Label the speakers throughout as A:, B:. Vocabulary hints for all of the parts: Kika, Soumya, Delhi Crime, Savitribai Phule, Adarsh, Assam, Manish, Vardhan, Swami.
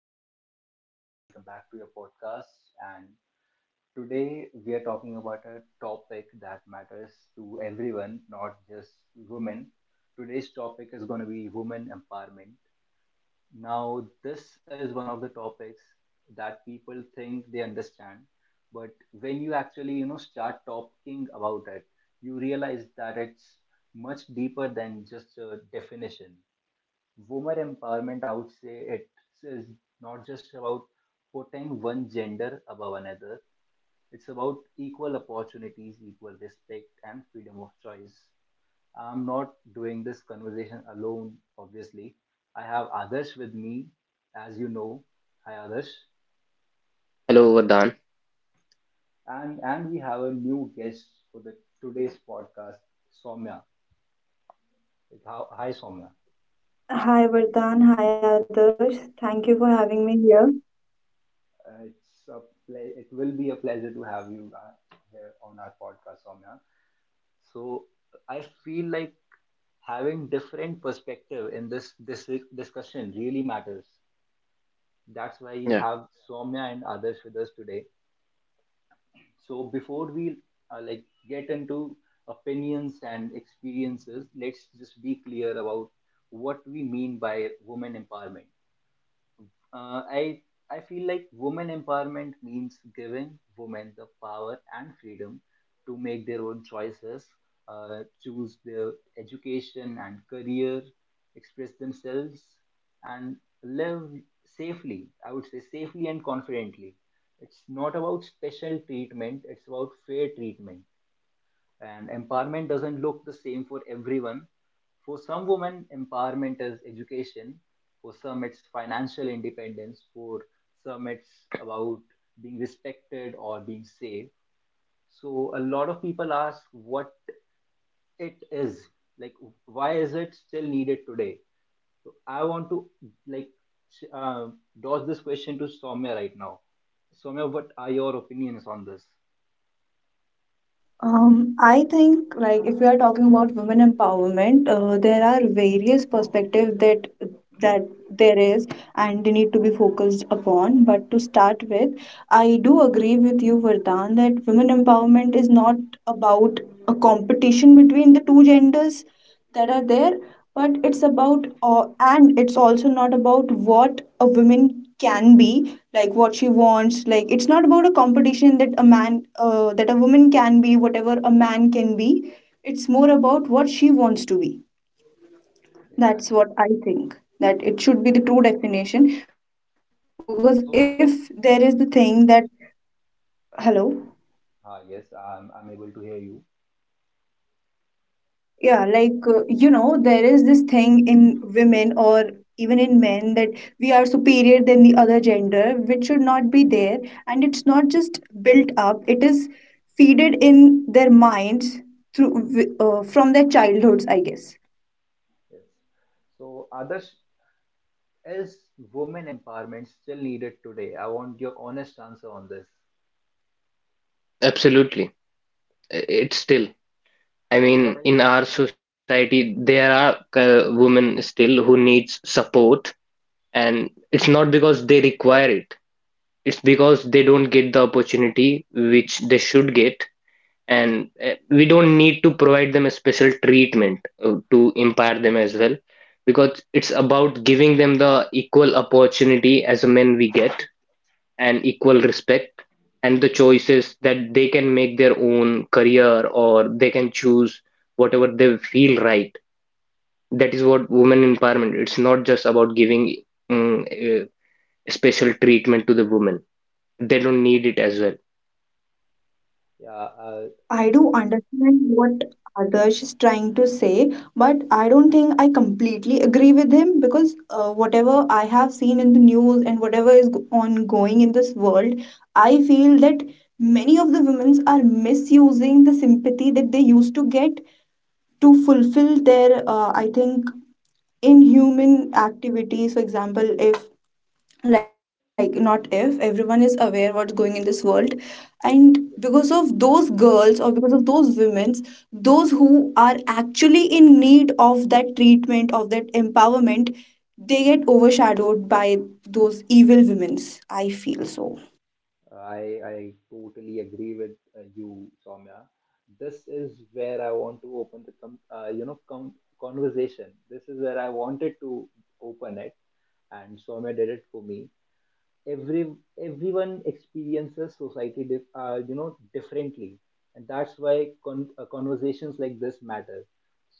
A: I'm Vardhan. Welcome back to your podcast. And today we are talking about a topic that matters to everyone, not just women. Today's topic is going to be women empowerment. Now, this is one of the topics that people think they understand, but when you actually, you know, start talking about it, you realize that it's much deeper than just a definition women empowerment, I would say it is not just about putting one gender above another. It's about equal opportunities, equal respect, and freedom of choice. I'm not doing this conversation alone, obviously. I have others with me, as you know. Hi, others,
B: Hello, Vardhan.
A: And we have a new guest for the today's podcast, Soumya. Like, Hi, Soumya.
C: Hi Vardhan, hi Adarsh. Thank you for having me here.
A: Uh, it's a ple- it will be a pleasure to have you here on our podcast, Soumya. So I feel like having different perspective in this discussion really matters. That's why we
B: Yeah,
A: have Soumya and others with us today. So before we like get into opinions and experiences, let's just be clear about what we mean by women empowerment. Uh, I I feel like women empowerment means giving women the power and freedom to make their own choices, choose their education and career, express themselves, and live safely. I would say safely and confidently. It's not about special treatment. It's about fair treatment and empowerment doesn't look the same for everyone. For some women, empowerment is education, for some it's financial independence, for some it's about being respected or being safe. So a lot of people ask what it is, like why is it still needed today. So I want to like uh, dodge this question to Somya right now. Somya, what are your opinions on this?
C: I think if we are talking about women empowerment, there are various perspectives that there is and they need to be focused upon. But to start with, I do agree with you, Vardhan, that women empowerment is not about a competition between the two genders that are there, but it's about and it's also not about what a woman can be like what she wants like it's not about a competition that a man that a woman can be whatever a man can be. It's more about what she wants to be. That's
A: Exactly.
C: what I think that it should be the true definition, because if there is the
A: So,
C: thing that... Hello.
A: ah, yes, I'm able to hear you.
C: Yeah, like there is this thing in women or even in men that we are superior than the other gender, which should not be there. And it's not just built up, it is feeded in their minds through from their childhoods, I guess.
A: Yes. So, Adarsh, is women empowerment still needed today? I want your honest answer on this.
B: absolutely. It's still, I
A: So,
B: mean,
A: what are you?
B: in our society, there are women still who needs support, and it's not because they require it. It's because they don't get the opportunity which they should get, and we don't need to provide them a special treatment to empower them as well, because it's about giving them the equal opportunity as a men we get, and equal respect and the choices that they can make their own career, or they can choose whatever they feel right. That is what women empowerment. It's not just about giving mm, uh, special treatment to the women. They don't need it as well.
A: Yeah,
C: I do understand what Adarsh is trying to say, but I don't think I completely agree with him, because whatever I have seen in the news and whatever is ongoing in this world, I feel that many of the women are misusing the sympathy that they used to get to fulfill their, I think, inhuman activities. For example, if not if everyone is aware what's going in this world, and because of those girls or because of those women, those who are actually in need of that treatment, of that empowerment, they get overshadowed by those evil women's, I feel so.
A: I totally agree with you, Soumya. This is where I want to open the com you know com conversation. This is where I wanted to open it, and Soumya did it for me. every Everyone experiences society you know differently, and that's why conversations like this matter.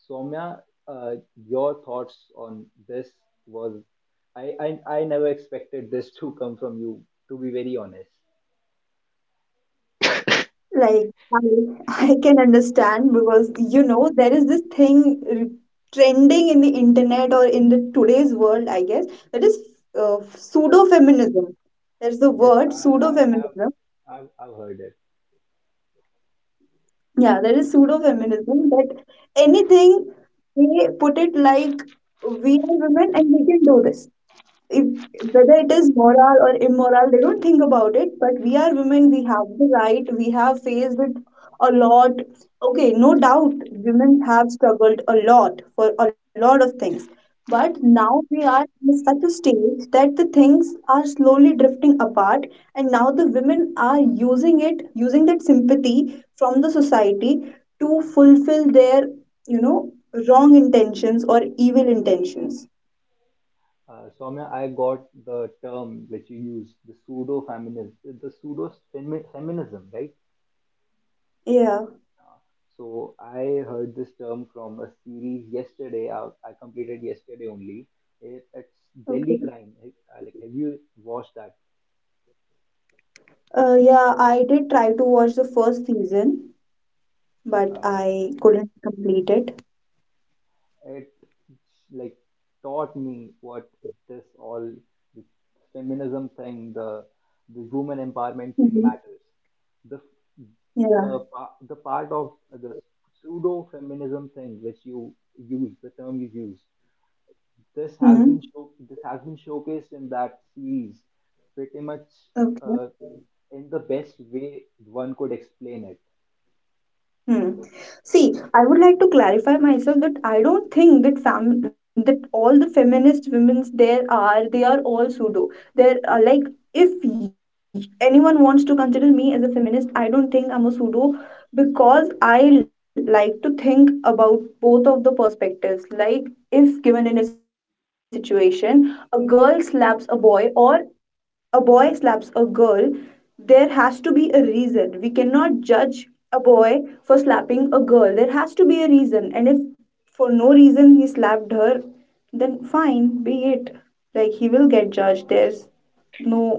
A: Soumya, your thoughts on this was, I never expected this to come from you, to be very honest.
C: Like I, I can understand because you know there is this thing trending in the internet or in the today's world, I guess, that is pseudo feminism. There's the
A: Yes,
C: word pseudo feminism.
A: I've heard it.
C: Yeah, there is pseudo feminism that anything they put it like we are women and we can do this if, whether it is moral or immoral, they don't think about it. But we are women, we have the right, we have faced it a lot. Okay, no doubt, women have struggled a lot for a lot of things. But now we are in such a stage that the things are slowly drifting apart, and now the women are using it, using that sympathy from the society to fulfill their, you know, wrong intentions or evil intentions.
A: Soumya, I got the term which you use, the pseudo feminism, the feminism, right?
C: Yeah.
A: So I heard this term from a series yesterday. I completed yesterday only. It's Delhi
C: Okay.
A: Crime. Like, have you watched that?
C: Yeah, I did try to watch the first season, but
A: Uh,
C: I couldn't complete it.
A: it like taught me what this all the feminism thing, the woman empowerment thing
C: Hmm.
A: matters. The
C: Yeah.
A: the part of the pseudo feminism thing which you use, the term you use, this has
C: Hmm.
A: been this has been showcased in that series pretty much
C: Okay.
A: uh, in the best way one could explain it.
C: Hmm.
A: Like
C: See, I would like to clarify myself that I don't think that fam that all the feminist women's there are they are all pseudo. There are like if anyone wants to consider me as a feminist, I don't think I'm a pseudo, because I like to think about both of the perspectives. Like if given in a situation, a girl slaps a boy or a boy slaps a girl, there has to be a reason. We cannot judge a boy for slapping a girl. There has to be a reason. And if for no reason he slapped her, then fine, be it. Like he will get judged. There's no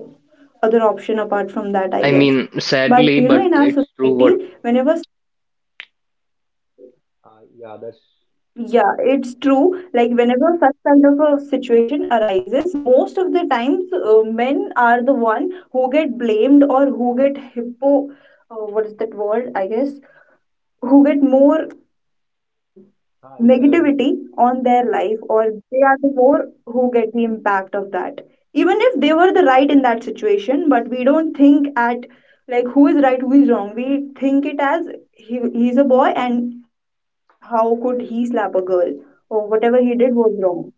C: other option apart from that, I
B: I
C: guess.
B: mean,
C: But
B: sadly,
C: you know,
B: but
C: in our
B: it's true what.
C: society, whenever...
A: yeah, that's
C: Yeah, it's true. Like whenever such kind of a situation arises, most of the times men are the one who get blamed or who get hypo. What is that word? I guess who get more. Uh,
A: we
C: negativity on their life, or they are the more who get the impact of that, even if they were the right in that situation. But we don't think at like who is right, who is wrong, we think it as he, he's a boy and how could he slap a girl, or whatever he did was wrong.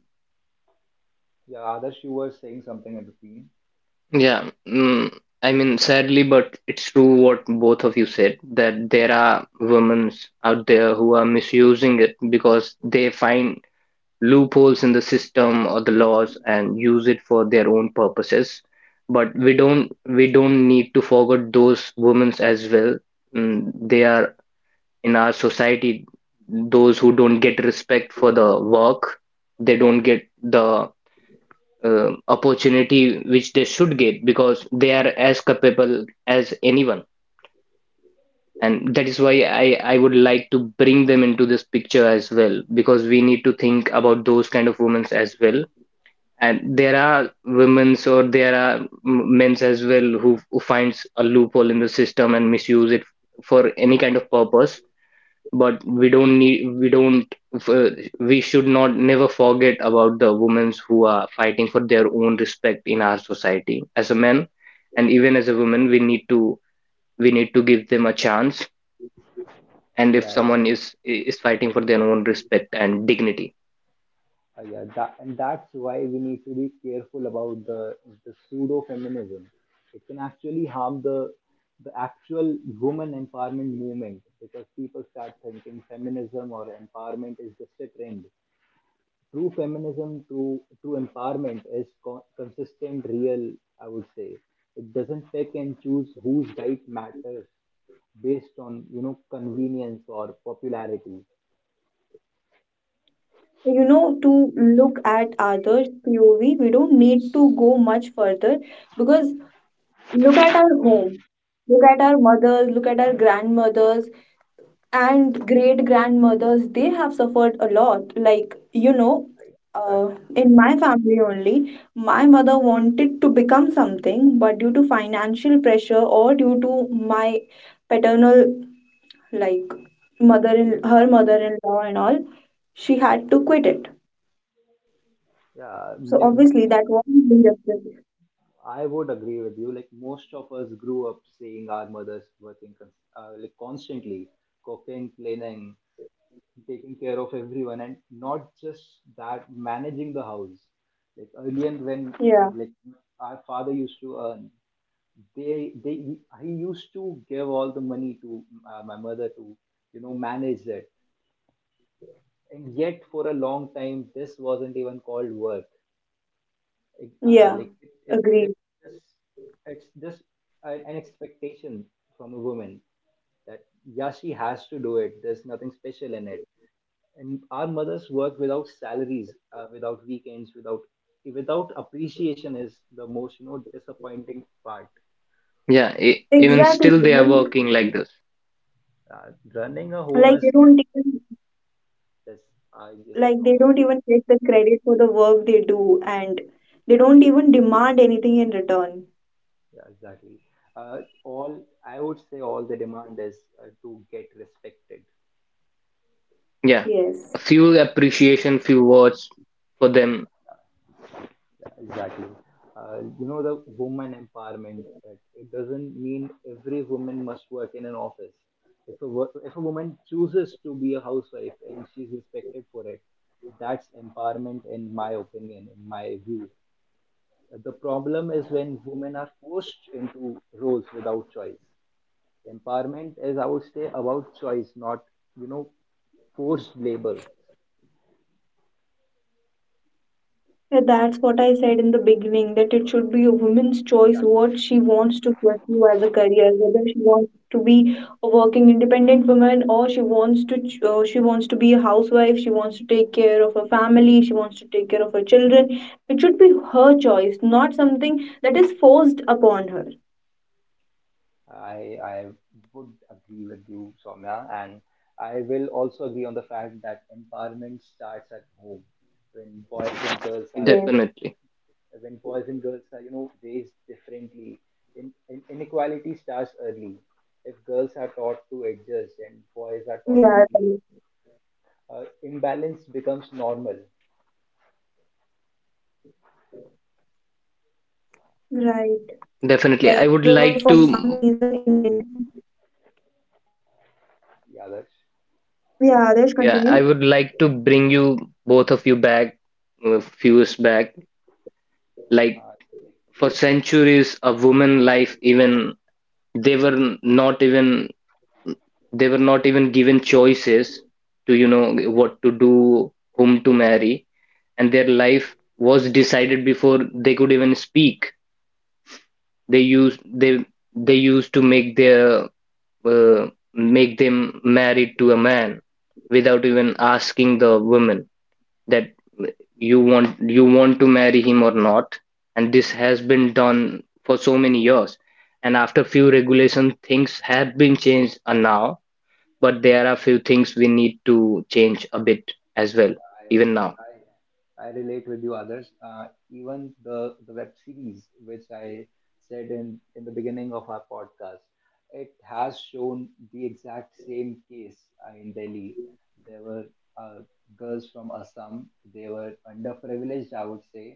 A: yeah, Adarsh, you were saying something in between.
B: Yeah. I mean, sadly, but it's true what both of you said, that there are women out there who are misusing it because they find loopholes in the system or the laws and use it for their own purposes. But we don't need to forget those women as well. They are in our society, those who don't get respect for the work. They don't get the opportunity which they should get because they are as capable as anyone. And that
A: Yes.
B: is why I would like to bring them into this picture as well, because we need to think about those kind of women as well. And there are women's, or there are men's as well, who finds a loophole in the system and misuse it for any kind of purpose. But we don't need we don't f- we should not never forget about the women's who are fighting for their own respect in our society as a man, and even as a woman. We need to give them a chance, and if
A: Yeah,
B: someone
A: exactly.
B: is fighting for their own respect and dignity.
A: Yeah, that, and that's why we need to be careful about the pseudo feminism. It can actually harm the actual woman empowerment movement because people start thinking feminism or empowerment is just a trend. True feminism, true empowerment is consistent, real, I would say. It doesn't pick and choose whose right matters based on, you know, convenience or popularity.
C: You know, to look at others' POV, we don't need to go much further, because look at our home, look at our mothers, look at our grandmothers and great grandmothers. They have suffered a lot, like you know,
A: Right,
C: uh,
A: exactly.
C: in my family only, my mother wanted to become something but due to financial pressure or due to my paternal like mother
A: Yes.
C: in her mother-in-law and all, she had to quit it.
A: Yeah,
C: So
A: like
C: obviously
A: mo-
C: that wasn't injustice.
A: I would agree with you, like most of us grew up seeing our mothers working like constantly, cooking, cleaning, taking care of everyone, and not just that, managing the house. Like earlier when uh,
C: Yeah,
A: like our father used to earn, they he used to give all the money to my mother to, you know, manage it. And yet for a long time this wasn't even called work. It,
C: yeah,
A: like it
C: agreed.
A: just, it's just a, an expectation from a woman that yeah, she has to do it, there's nothing special in it. And our mothers work without salaries, without weekends, without without appreciation is the most, you know, disappointing part.
B: Yeah, even
C: Exactly.
B: still they are
C: Like,
B: working like this.
A: Running a home
C: like they
A: is
C: don't even
A: this I just
C: they don't even get the credit for the work they do, and they don't even demand anything in return.
A: yeah, exactly. All I would say, all the demand is to get respected.
B: Yeah,
C: Yes.
B: a few appreciation, few words for them.
A: Yeah, exactly. You know, the woman empowerment, it doesn't mean every woman must work in an office. If a woman chooses to be a housewife and she's respected for it, that's empowerment, in my opinion, in my view. The problem is when women are forced into roles without choice. Empowerment is, I would say, about choice, not, you know, forced labor.
C: Yeah, that's what I said in the beginning, that it should be a woman's choice
A: Exactly.
C: what she wants to pursue as a career, whether she wants to be a working independent woman or she wants to she wants to be a housewife, she wants to take care of her family, she wants to take care of her children. It should be her choice, not something that is forced upon her.
A: I would agree with you, Soumya, and I will also agree on the fact that empowerment starts at home, when boys and girls are
C: Yes.
A: raised,
B: Definitely.
A: when boys and girls are, you know, raised differently. In, inequality starts early. If girls are taught to
C: Yeah.
A: adjust and boys are taught to lead, imbalance becomes normal.
C: Right. Like I don't know for some
B: Definitely. I
C: reason
B: would
C: in
B: like
C: India.
B: to.
C: Yeah,
A: Yeah, that's
C: Adesh, continue.
B: Yeah, I would like to bring you, both of you, back a few years back. Like,
A: uh, like
B: for centuries, a woman life, even they were not even they were not even given choices to what to do, whom to marry, and their life was decided before they could even speak. They
A: Yes.
B: used they they used to uh, make them married to a man without even asking the woman that you want to marry him or not. And this has been done for so many years, and after few regulation things have been changed, now. But there are few things we need to change a bit as well,
A: I
B: even now.
A: I I relate with you, others. Even the web series which I said in the beginning of our podcast, it has shown the exact same case in Delhi. There were uh, girls from Assam. They were underprivileged, I would say.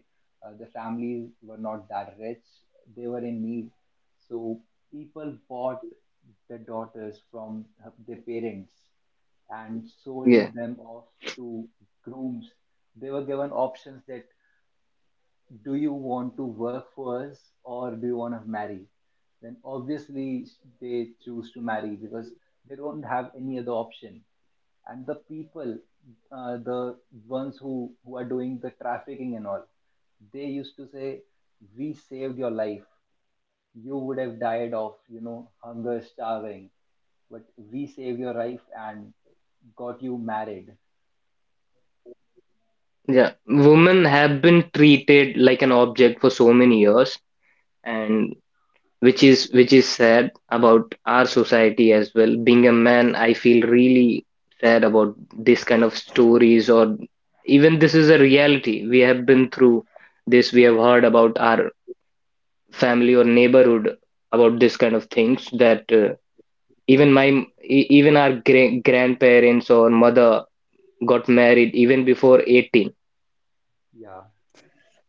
A: The families were not that rich. They were in need, so people bought their daughters from their parents and
B: Yeah.
A: sold them off to grooms. They were given options that, do you want to work for us or do you want to marry? Then obviously they choose to marry because they don't have any other option. And the people, the ones who are doing the trafficking and all, they used to say, we saved your life. You would have died of, you know, hunger, starving, but we saved your life and got you married.
B: Yeah, women have been treated like an object for so many years, and which is sad about our society as well. Being a man, I feel really sad about this kind of stories, or even this is a reality. We have been through this. We have heard about our family or neighborhood about this kind of things, that even my even our grandparents or mother got married even before 18.
A: Yeah.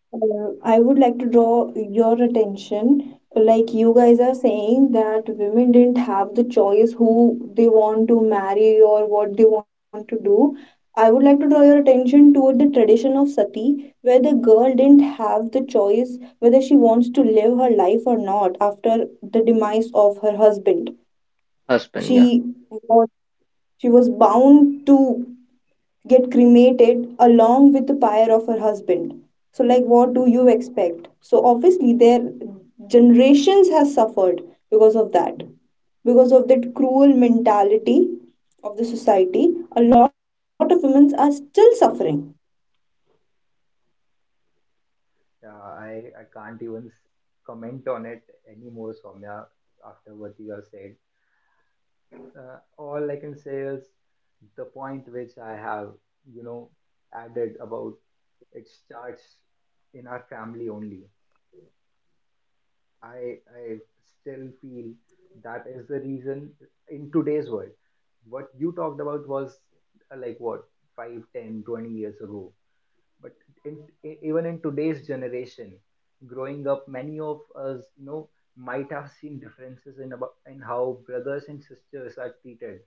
C: I would like to draw your attention. Like you guys are saying that women didn't have the choice who they want to marry or what they want to do. I would like to draw your attention toward the tradition of sati, where the girl didn't have the choice whether she wants to live her life or not after the demise of her husband.
B: Husband, Yeah,
C: She was she was bound to get cremated along with the pyre of her husband. So like what do you expect? So obviously their generations has suffered because of that, because of that cruel mentality of the society. A lot of women are still suffering.
A: Yeah, I can't even comment on it anymore, Soumya, after what you have said. All I can say is the point which I have, you know, added about, it starts in our family only. I still feel that is the reason. In today's world, what you talked about was like what 5, 10, 20 years ago. but in, Even in today's generation, growing up, many of us, you know, might have seen differences in about in how brothers and sisters are treated.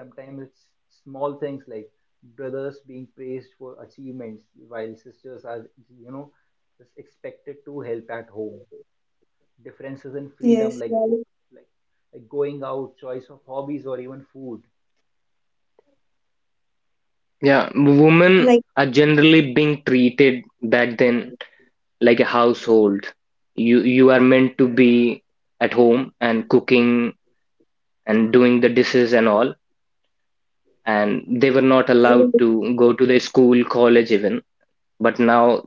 A: Sometimes it's small things like brothers being praised for achievements while sisters are, you know, just expected to help at home, differences in
C: Yes,
A: freedom like
C: well,
A: like like going out, choice of hobbies, or even food.
B: yeah,
C: like...
B: women are generally being treated back then like a household. You are meant to be at home and cooking and doing the dishes and all. And they were not allowed to go to the school, college even. But now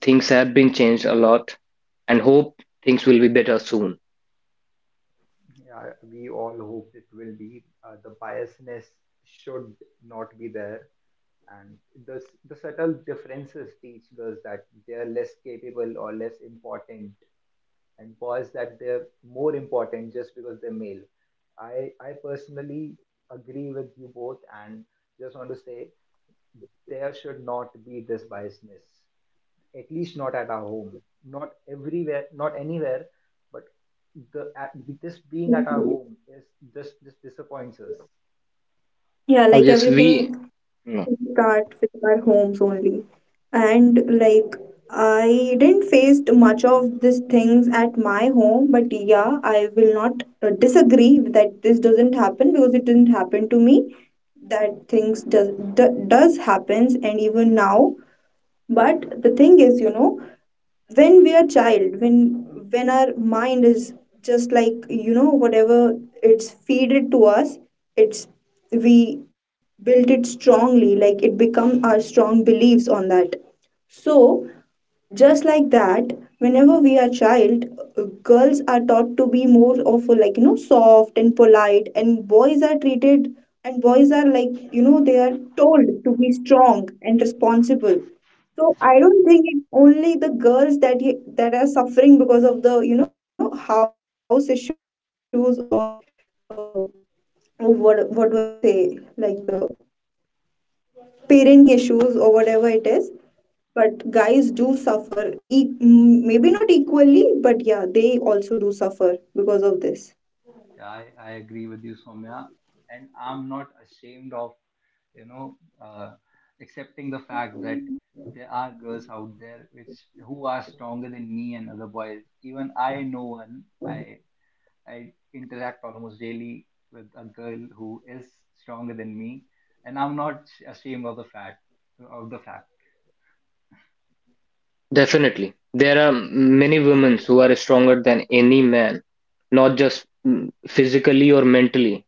B: things have been changed a lot, and hope things will be better soon.
A: Yeah, we all hope it will be, the biasness should not be there, and the the subtle differences teach girls that they are less capable or less important and boys that they're more important just because they're male. I personally agree with you both, and just want to say there should not be this biasness, at least not at our home, not everywhere, not anywhere. But the this being at our home is just disappoints us.
C: Yeah,
B: I
C: like
B: guess
C: everything
B: we no,
C: start with our homes only. And like I didn't face much of these things at my home, but yeah, I will not disagree that this doesn't happen because it didn't happen to me. That things does happens, and even now. But the thing is, you know, when we are child, when our mind is just like you know whatever, it's feeded to us, it's we built it strongly, like it become our strong beliefs on that. So just like that, whenever we are child, girls are taught to be more of a, like you know, soft and polite, and boys are like you know they are told to be strong and responsible. So I don't think it's only the girls that that are suffering because of the you know house issues or uh, what do I say, like parenting issues or whatever it is. But guys do suffer, maybe not equally, but yeah, they also do suffer because of this.
A: Yeah, I agree with you, Soumya. And I'm not ashamed of, you know, uh, accepting the fact that there are girls out there which, who are stronger than me and other boys. Even I know one. I interact almost daily with a girl who is stronger than me, and I'm not ashamed of the fact of the fact.
B: Definitely there are many women who are stronger than any man, not just physically or mentally.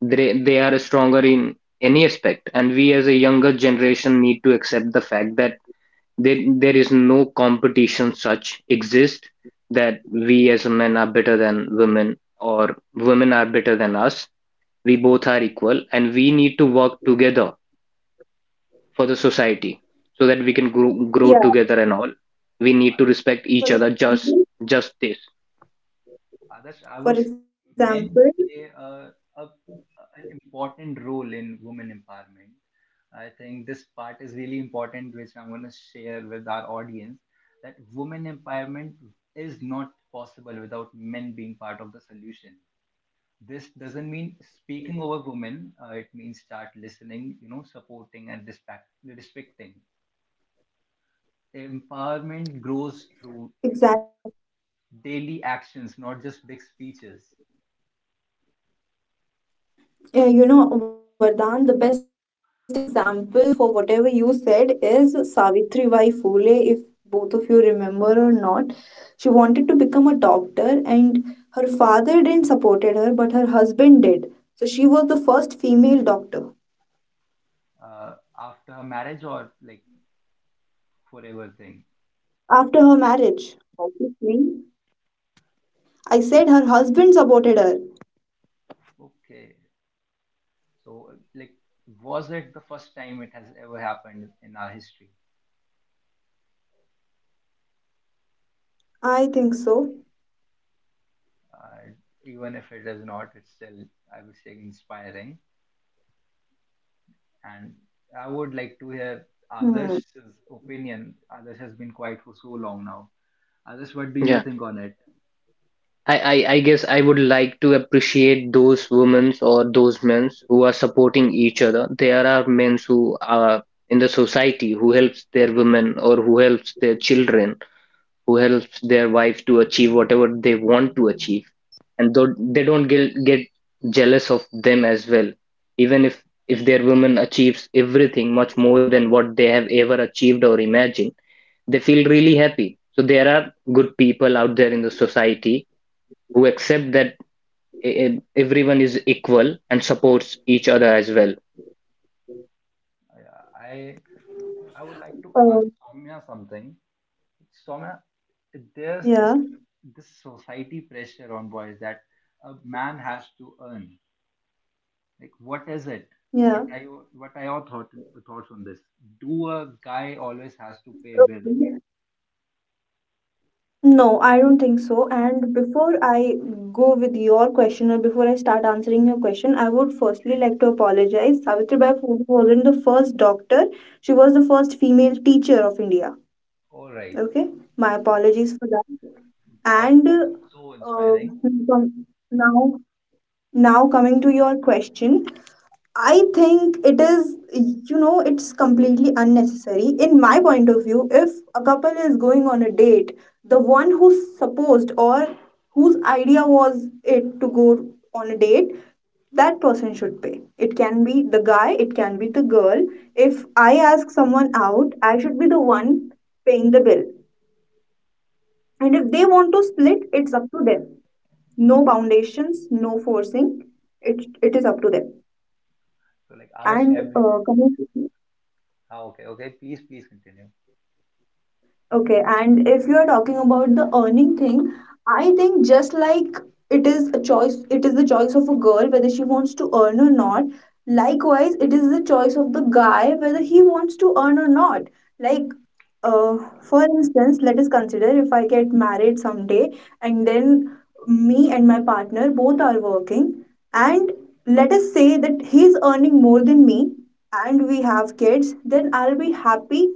B: They are stronger in any aspect, and we as a younger generation need to accept the fact that there is no competition such exist, that we as men are better than women, or women are better than us. We both are equal, and we need to work together for the society, so that we can grow together and all.
C: Yeah.
B: We need to respect each other, just
C: For
B: just this.
C: example.
A: Others, I would say
C: For
A: men play
C: example.
A: an important role in women empowerment. I think this part is really important, which I'm going to share with our audience, that women empowerment is not possible without men being part of the solution. This doesn't mean speaking over women, it means start listening, you know, supporting and respecting. Empowerment grows through, you know,
C: Exactly.
A: daily actions, not just big speeches.
C: Yeah, you know Vardhan, the best example for whatever you said is Savitri Bai Phule, if both of you remember or not. She wanted to become a doctor, and her father didn't supported her, but her husband did. So she was the first female doctor.
A: After her marriage, or like forever thing?
C: After her marriage. Obviously. I said her husband supported her.
A: Okay. So like was it the first time it has ever happened in our history?
C: I think so.
A: Uh, Even if it is not, it's still, I would say, inspiring. And I would like to hear others'
C: Hmm.
A: opinion. Others has been quiet for so long now. Others, what do you
B: Yeah.
A: think on it?
B: I guess I would like to appreciate those women or those men who are supporting each other. There are men who are in the society who helps their women, or who helps their children, who helps their wife to achieve whatever they want to achieve, and though they don't get jealous of them as well. Even if their woman achieves everything much more than what they have ever achieved or imagined, they feel really happy. So there are good people out there in the society who accept that e- e, everyone is equal and supports each other as well.
A: Uh, I I would like to ask
C: Oh.
A: Soumya something. Soumya, there's
C: Yeah.
A: this society pressure on boys that a man has to earn. Like, what is it? What
C: Yeah.
A: are your, thoughts on this? Do a guy always has to pay bills,
C: Okay. No, I don't think so. And before I go with your question or before I start answering your question, I would firstly
A: right?
C: like to apologize. Savitribai Phule wasn't the first doctor, she was the first female teacher of India.
A: All right,
C: Okay, my apologies for that.
A: that's
C: And
A: also so inspiring.
C: now, coming to your question, I think it is, you know, it's completely unnecessary. In my point of view, if a couple is going on a date, the one who's supposed or whose idea was it to go on a date, that person should pay. It can be the guy, it can be the girl. If I ask someone out, I should be the one paying the bill. And if they
A: So,
C: want to split, it's up to them. No foundations, no forcing. It is up to them.
A: so like Adarsh,
C: And
A: have you?
C: coming...
A: Ah, okay, okay. Please, please continue.
C: Okay, and if you are talking about the earning thing, I think just like it is a choice, it is the choice of a girl whether she wants to earn or not. Likewise, it is the choice of the guy whether he wants to earn or not. Like for instance, let us consider if I get married someday and then me and my partner both are working, and let us say that he's earning more than me and we have kids, then I'll be happy.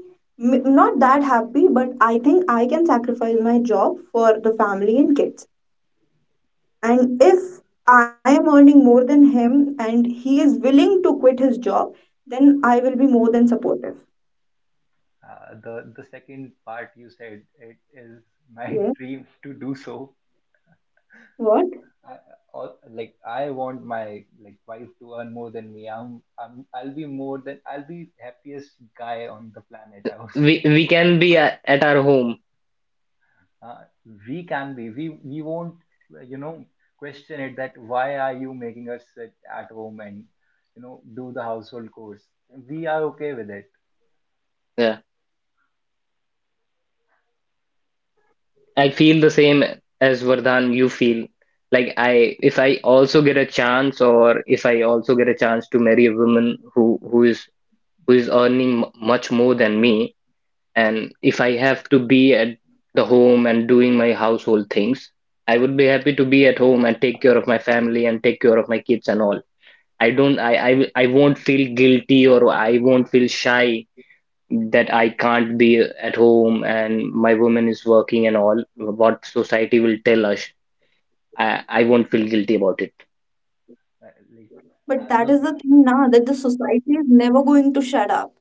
C: Not that happy, but I think I can sacrifice my job for the family and kids. And if I am earning more than him and he is willing to quit his job, then I will be more than supportive.
A: The second part you said, it is my
C: Yeah.
A: dream to do so.
C: What?
A: I, all, like I want my like wife to earn more than me. I'll be more than I'll be happiest guy on the planet, I would
B: We
A: say.
B: we can be at our home.
A: uh, we can be. We won't you know question it that why are you making us sit at home and do the household
C: Like,
A: chores.
C: I
A: We
C: haven't
A: are okay
C: watched the
A: with it.
C: movie Kika,
B: Yeah, I feel the same as Vardhan. You feel like I if I also get a chance, or if I also get a chance to marry a woman who who is who is earning much more than me, and if I have to be at the home and doing my household things, I would be happy to be at home and take care of my family and take care of my kids and all. I won't feel guilty, or I won't feel shy that I can't be at home and my woman is working and all what society will tell us. I won't feel guilty about it.
A: Uh, like
C: but
A: as
C: that
A: a
C: is the
A: br-
C: thing now that the society is never going to shut up.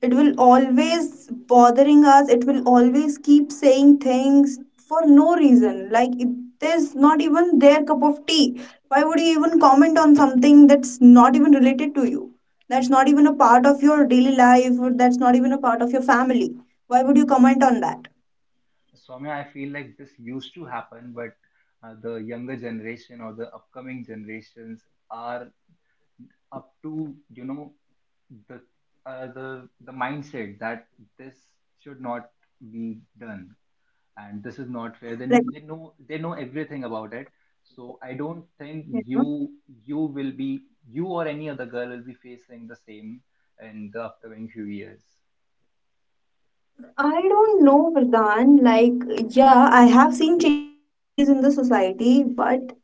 C: It will always bothering us. It will always keep saying things for no reason. Like, it is not even their cup of tea. Why would you even comment on something that's not even related to you? That's not even a part of your daily life, or that's not even a part of your family. Why would you comment on that?
A: Swami, I feel like this used to happen, but the younger generation or the upcoming generations are up to the the mindset that this should not be done and this is not fair. Then they know, everything about it. So I don't think
C: Like
A: you will be, you or any other girl will be facing the same in the upcoming few years.
C: I don't know, Vardhan. Yeah, I have seen changes in the society, but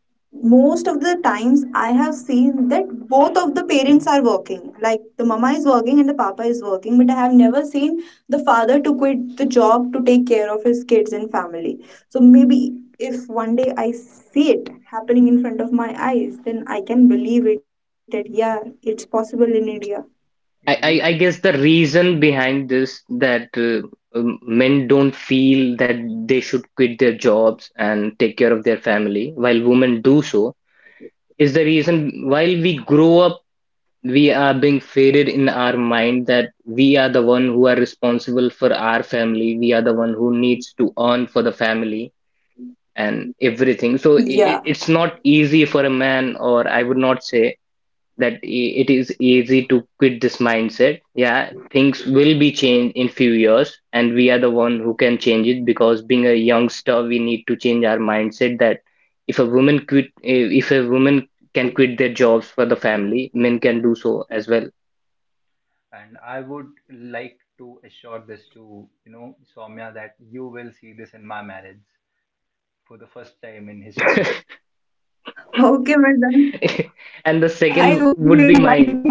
C: most of the times I have seen that both of the parents are working. Like, the mama is working and the papa is working, but I have never seen the father to quit the job to take care of his kids and family. So maybe if one day I see it happening in front of my eyes, then I can believe it that, yeah, it's possible in India.
A: Yeah
B: I, I,
A: you
B: I
A: you
B: guess the reason behind this, that men don't feel that they should quit their jobs and take care of their family while women do so, is the reason while we grow up. We are being faded in our mind that we are the one who are responsible for our family. We are the one who needs to earn for the family and everything. So
C: Yeah.
B: i- it's not easy for a man, or I would not say that it is easy to quit this mindset. Yeah, things will be changed in few years, and we are the one who can change it, because being a youngster, we need to change our mindset that if a woman quit, if a woman can quit their jobs for the family, men can do so as well.
A: And I would like to assure this to Soumya that you will see this in my marriage for the first time in history.
C: Okay, Vardhan. I hope you
B: And the
C: invite me
B: second
C: on.
B: would be mine.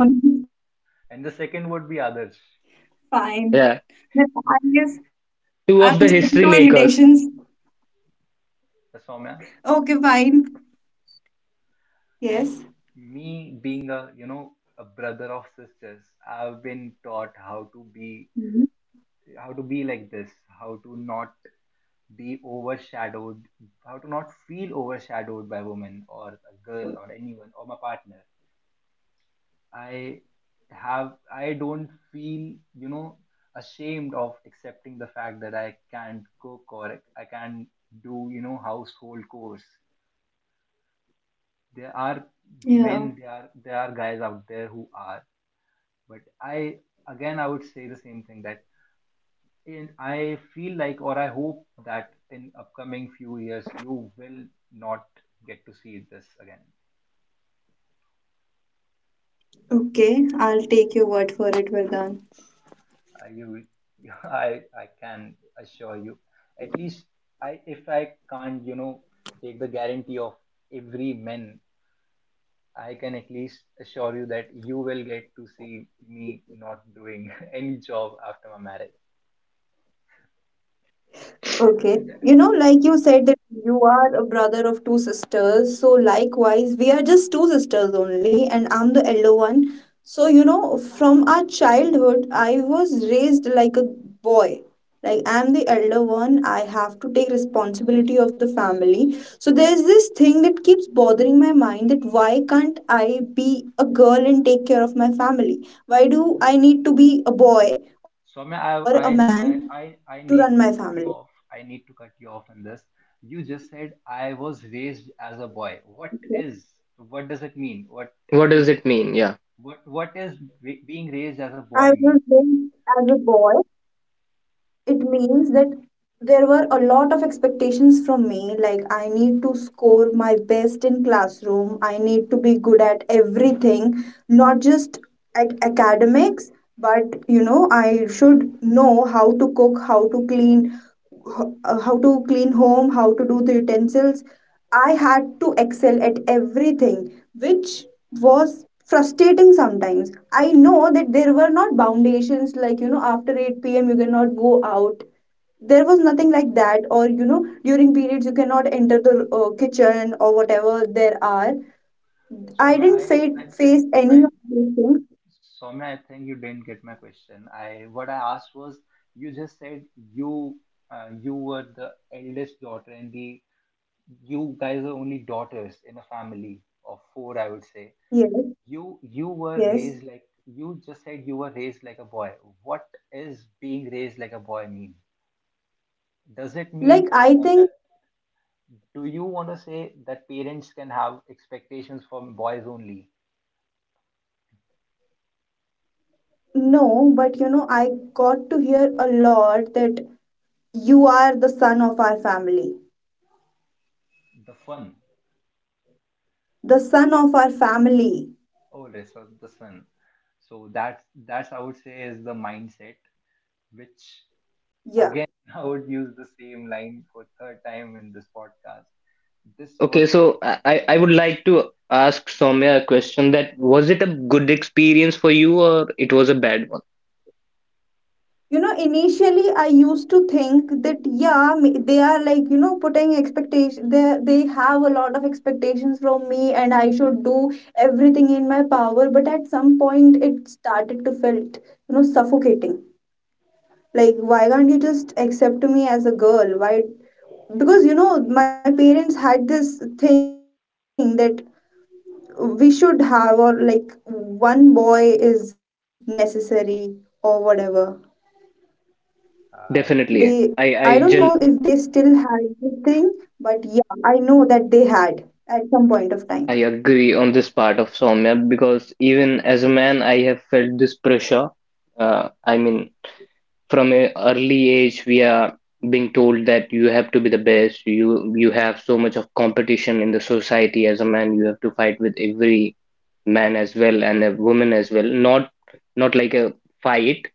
A: And the second would be others.
C: Fine.
B: Yeah.
C: Then I guess I'm expecting
B: Two
C: two
B: of the history
C: invitations.
B: makers.
A: Soumya,
C: Okay, fine. Yes.
A: me being a a brother of sisters, I've been taught how to be,
C: Mhm.
A: like this, how to not be overshadowed, how to not feel overshadowed by women or a girl or anyone or my partner. i I don't feel, ashamed of accepting the fact that I can't cook or I can't do, household chores. there are
C: Yeah.
A: there are guys out there who are. But I, again, I would say the same thing that in I feel like, or I hope that in upcoming few years you will not get to see this again.
C: Okay, I'll take your word for it, Vardhan.
A: Uh, you, you I can assure you. At least I, if I can't, take the guarantee of every man, I can at least assure you that you will get to see me not doing any job after my marriage.
C: Okay.
A: And
C: You know, like you said that you are a brother of two sisters. So likewise, we are just two sisters only, and I'm the elder one. So, you know, from our childhood, I was raised like a boy. Like, I'm the elder one, I have to take responsibility of the family. So there's this thing that keeps bothering my mind that why can't I be a girl and take care of my family? Why do I need to be a boy or a
A: Swami,
C: man to run my
A: I
C: family?
A: need to cut you off. I need to cut you off in this. You just said I was raised as a boy. What is? What does it mean? What
B: What
A: is?
B: does it mean? Yeah.
A: What is being raised as a
C: I
A: boy mean?
C: was raised as a boy. It means that there were a lot of expectations from me. Like, I need to score my best in classroom. I need to be good at everything, not just at academics, but you know, I should know how to cook, how to clean, how to clean home, how to do the utensils. I had to excel at everything, which was frustrating sometimes. I know that there were not foundations like, you know, after 8 p.m. you cannot go out. There was nothing like that, or you know, during periods you cannot enter the kitchen or whatever there are. I
A: Swami,
C: didn't fa-
A: I think
C: face any
A: I
C: of these things.
A: I think you didn't get my question. I What I asked was, you just said you you were the eldest daughter and the you guys are only daughters in a family of four, I would say.
C: Yes,
A: You were
C: yes.
A: raised like, you just said you were raised like a boy. What is being raised like a boy mean? Does it mean
C: Like, I
A: that,
C: think
A: do you want to say that parents can have expectations from boys only?
C: no, but you know, I got to hear a lot that you are the son of our family.
A: The fun,
C: The son of our family.
A: oh, this is the fun. So that's I would say is the mindset which
C: Yeah,
A: again I would use the same line for third time in this podcast. This was
B: Okay, so I would like to ask Soumya a question, that was it a good experience for you, or it was a bad one?
C: you know, initially I used to think that, they are, like, you know, putting expectation. They they have a lot of expectations from me and I should do everything in my power, but at some point it started to felt, you know, suffocating. Like, why can't you just accept me as a girl? Why? Because you know my parents had this thing that we should have, or like, one boy is necessary or whatever.
A: I
B: Definitely.
C: They,
B: I,
C: I
B: I
C: don't
B: gen
C: know if they still had this thing, but yeah, I know that they had at some point of
B: I
C: time.
B: agree on this part of Soumya, because even as a man I have felt this pressure. I mean, from an early age we are being told that you have to be the best. You have so much of competition in the society. As a man you have to fight with every man as well and a woman as well, not like a fight,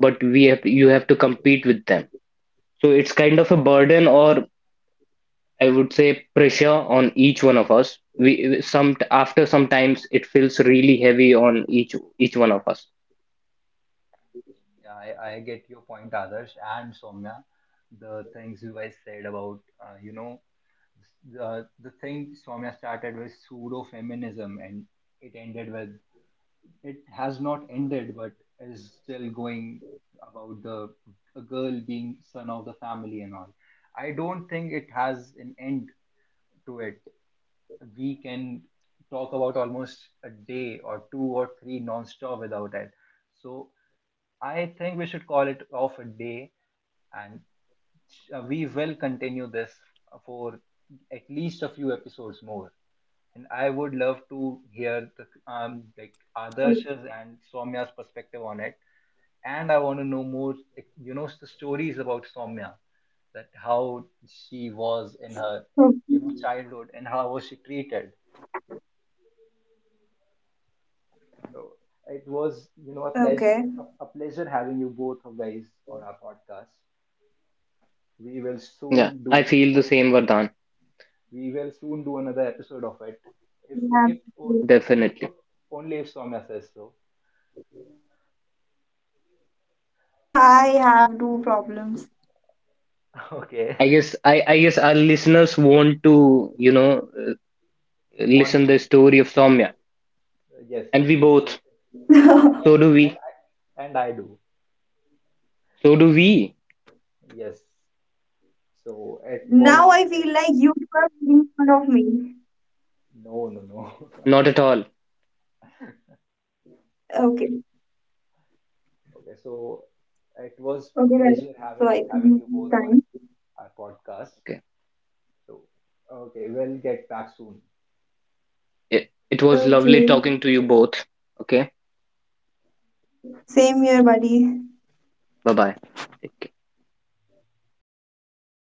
B: but we have you have to compete with them. So it's kind of a burden, or I would say pressure, on each one of us. We some after sometimes it feels really heavy on each one of us.
A: Yeah, I get your point, Adarsh and Soumya. The things you guys said about, the thing Soumya started with pseudo feminism, and it ended with, it has not ended, but is still going, about the a girl being son of the family and all. I don't think it has an end to it. We can talk about almost a day or two or three non-stop without it. So I think we should call it off a day and we will continue this for at least a few episodes more. And I would love to hear the, like Adarsh's and Soumya's perspective on it. And I want to know more, like, the stories about Soumya, that how she was in her
C: Mm.
A: childhood and how was she treated. So it was, you know, a pleasure,
C: Okay.
A: a pleasure having you both of guys on our podcast. We will
B: Yeah,
A: soon
B: I
A: do.
B: feel the same, Vardhan.
A: We will soon do another episode of it. If
C: Yeah,
A: if on, only
B: Definitely.
A: if Soumya says so.
C: Yeah, I have two problems.
A: Okay.
B: I guess our listeners want to,
A: Want
B: listen the
A: to,
B: story of Soumya,
A: yes.
B: and we both.
A: they- And
B: So
A: and,
B: do
A: and
B: we.
A: I, do.
B: So do we.
A: Yes. So it
C: Now
A: was,
C: I feel like you two are making fun of me.
A: no, no, no.
B: Not at all.
C: Okay.
A: Okay. So it was a
C: Okay, guys.
A: pleasure
C: So
A: having
C: I think
A: you both
C: it's
A: on
C: time.
A: our podcast.
B: Okay.
A: So okay, we'll get back soon.
B: It was lovely
C: Okay.
B: talking to you both. Okay.
C: Same here, buddy.
B: Bye bye. Take care.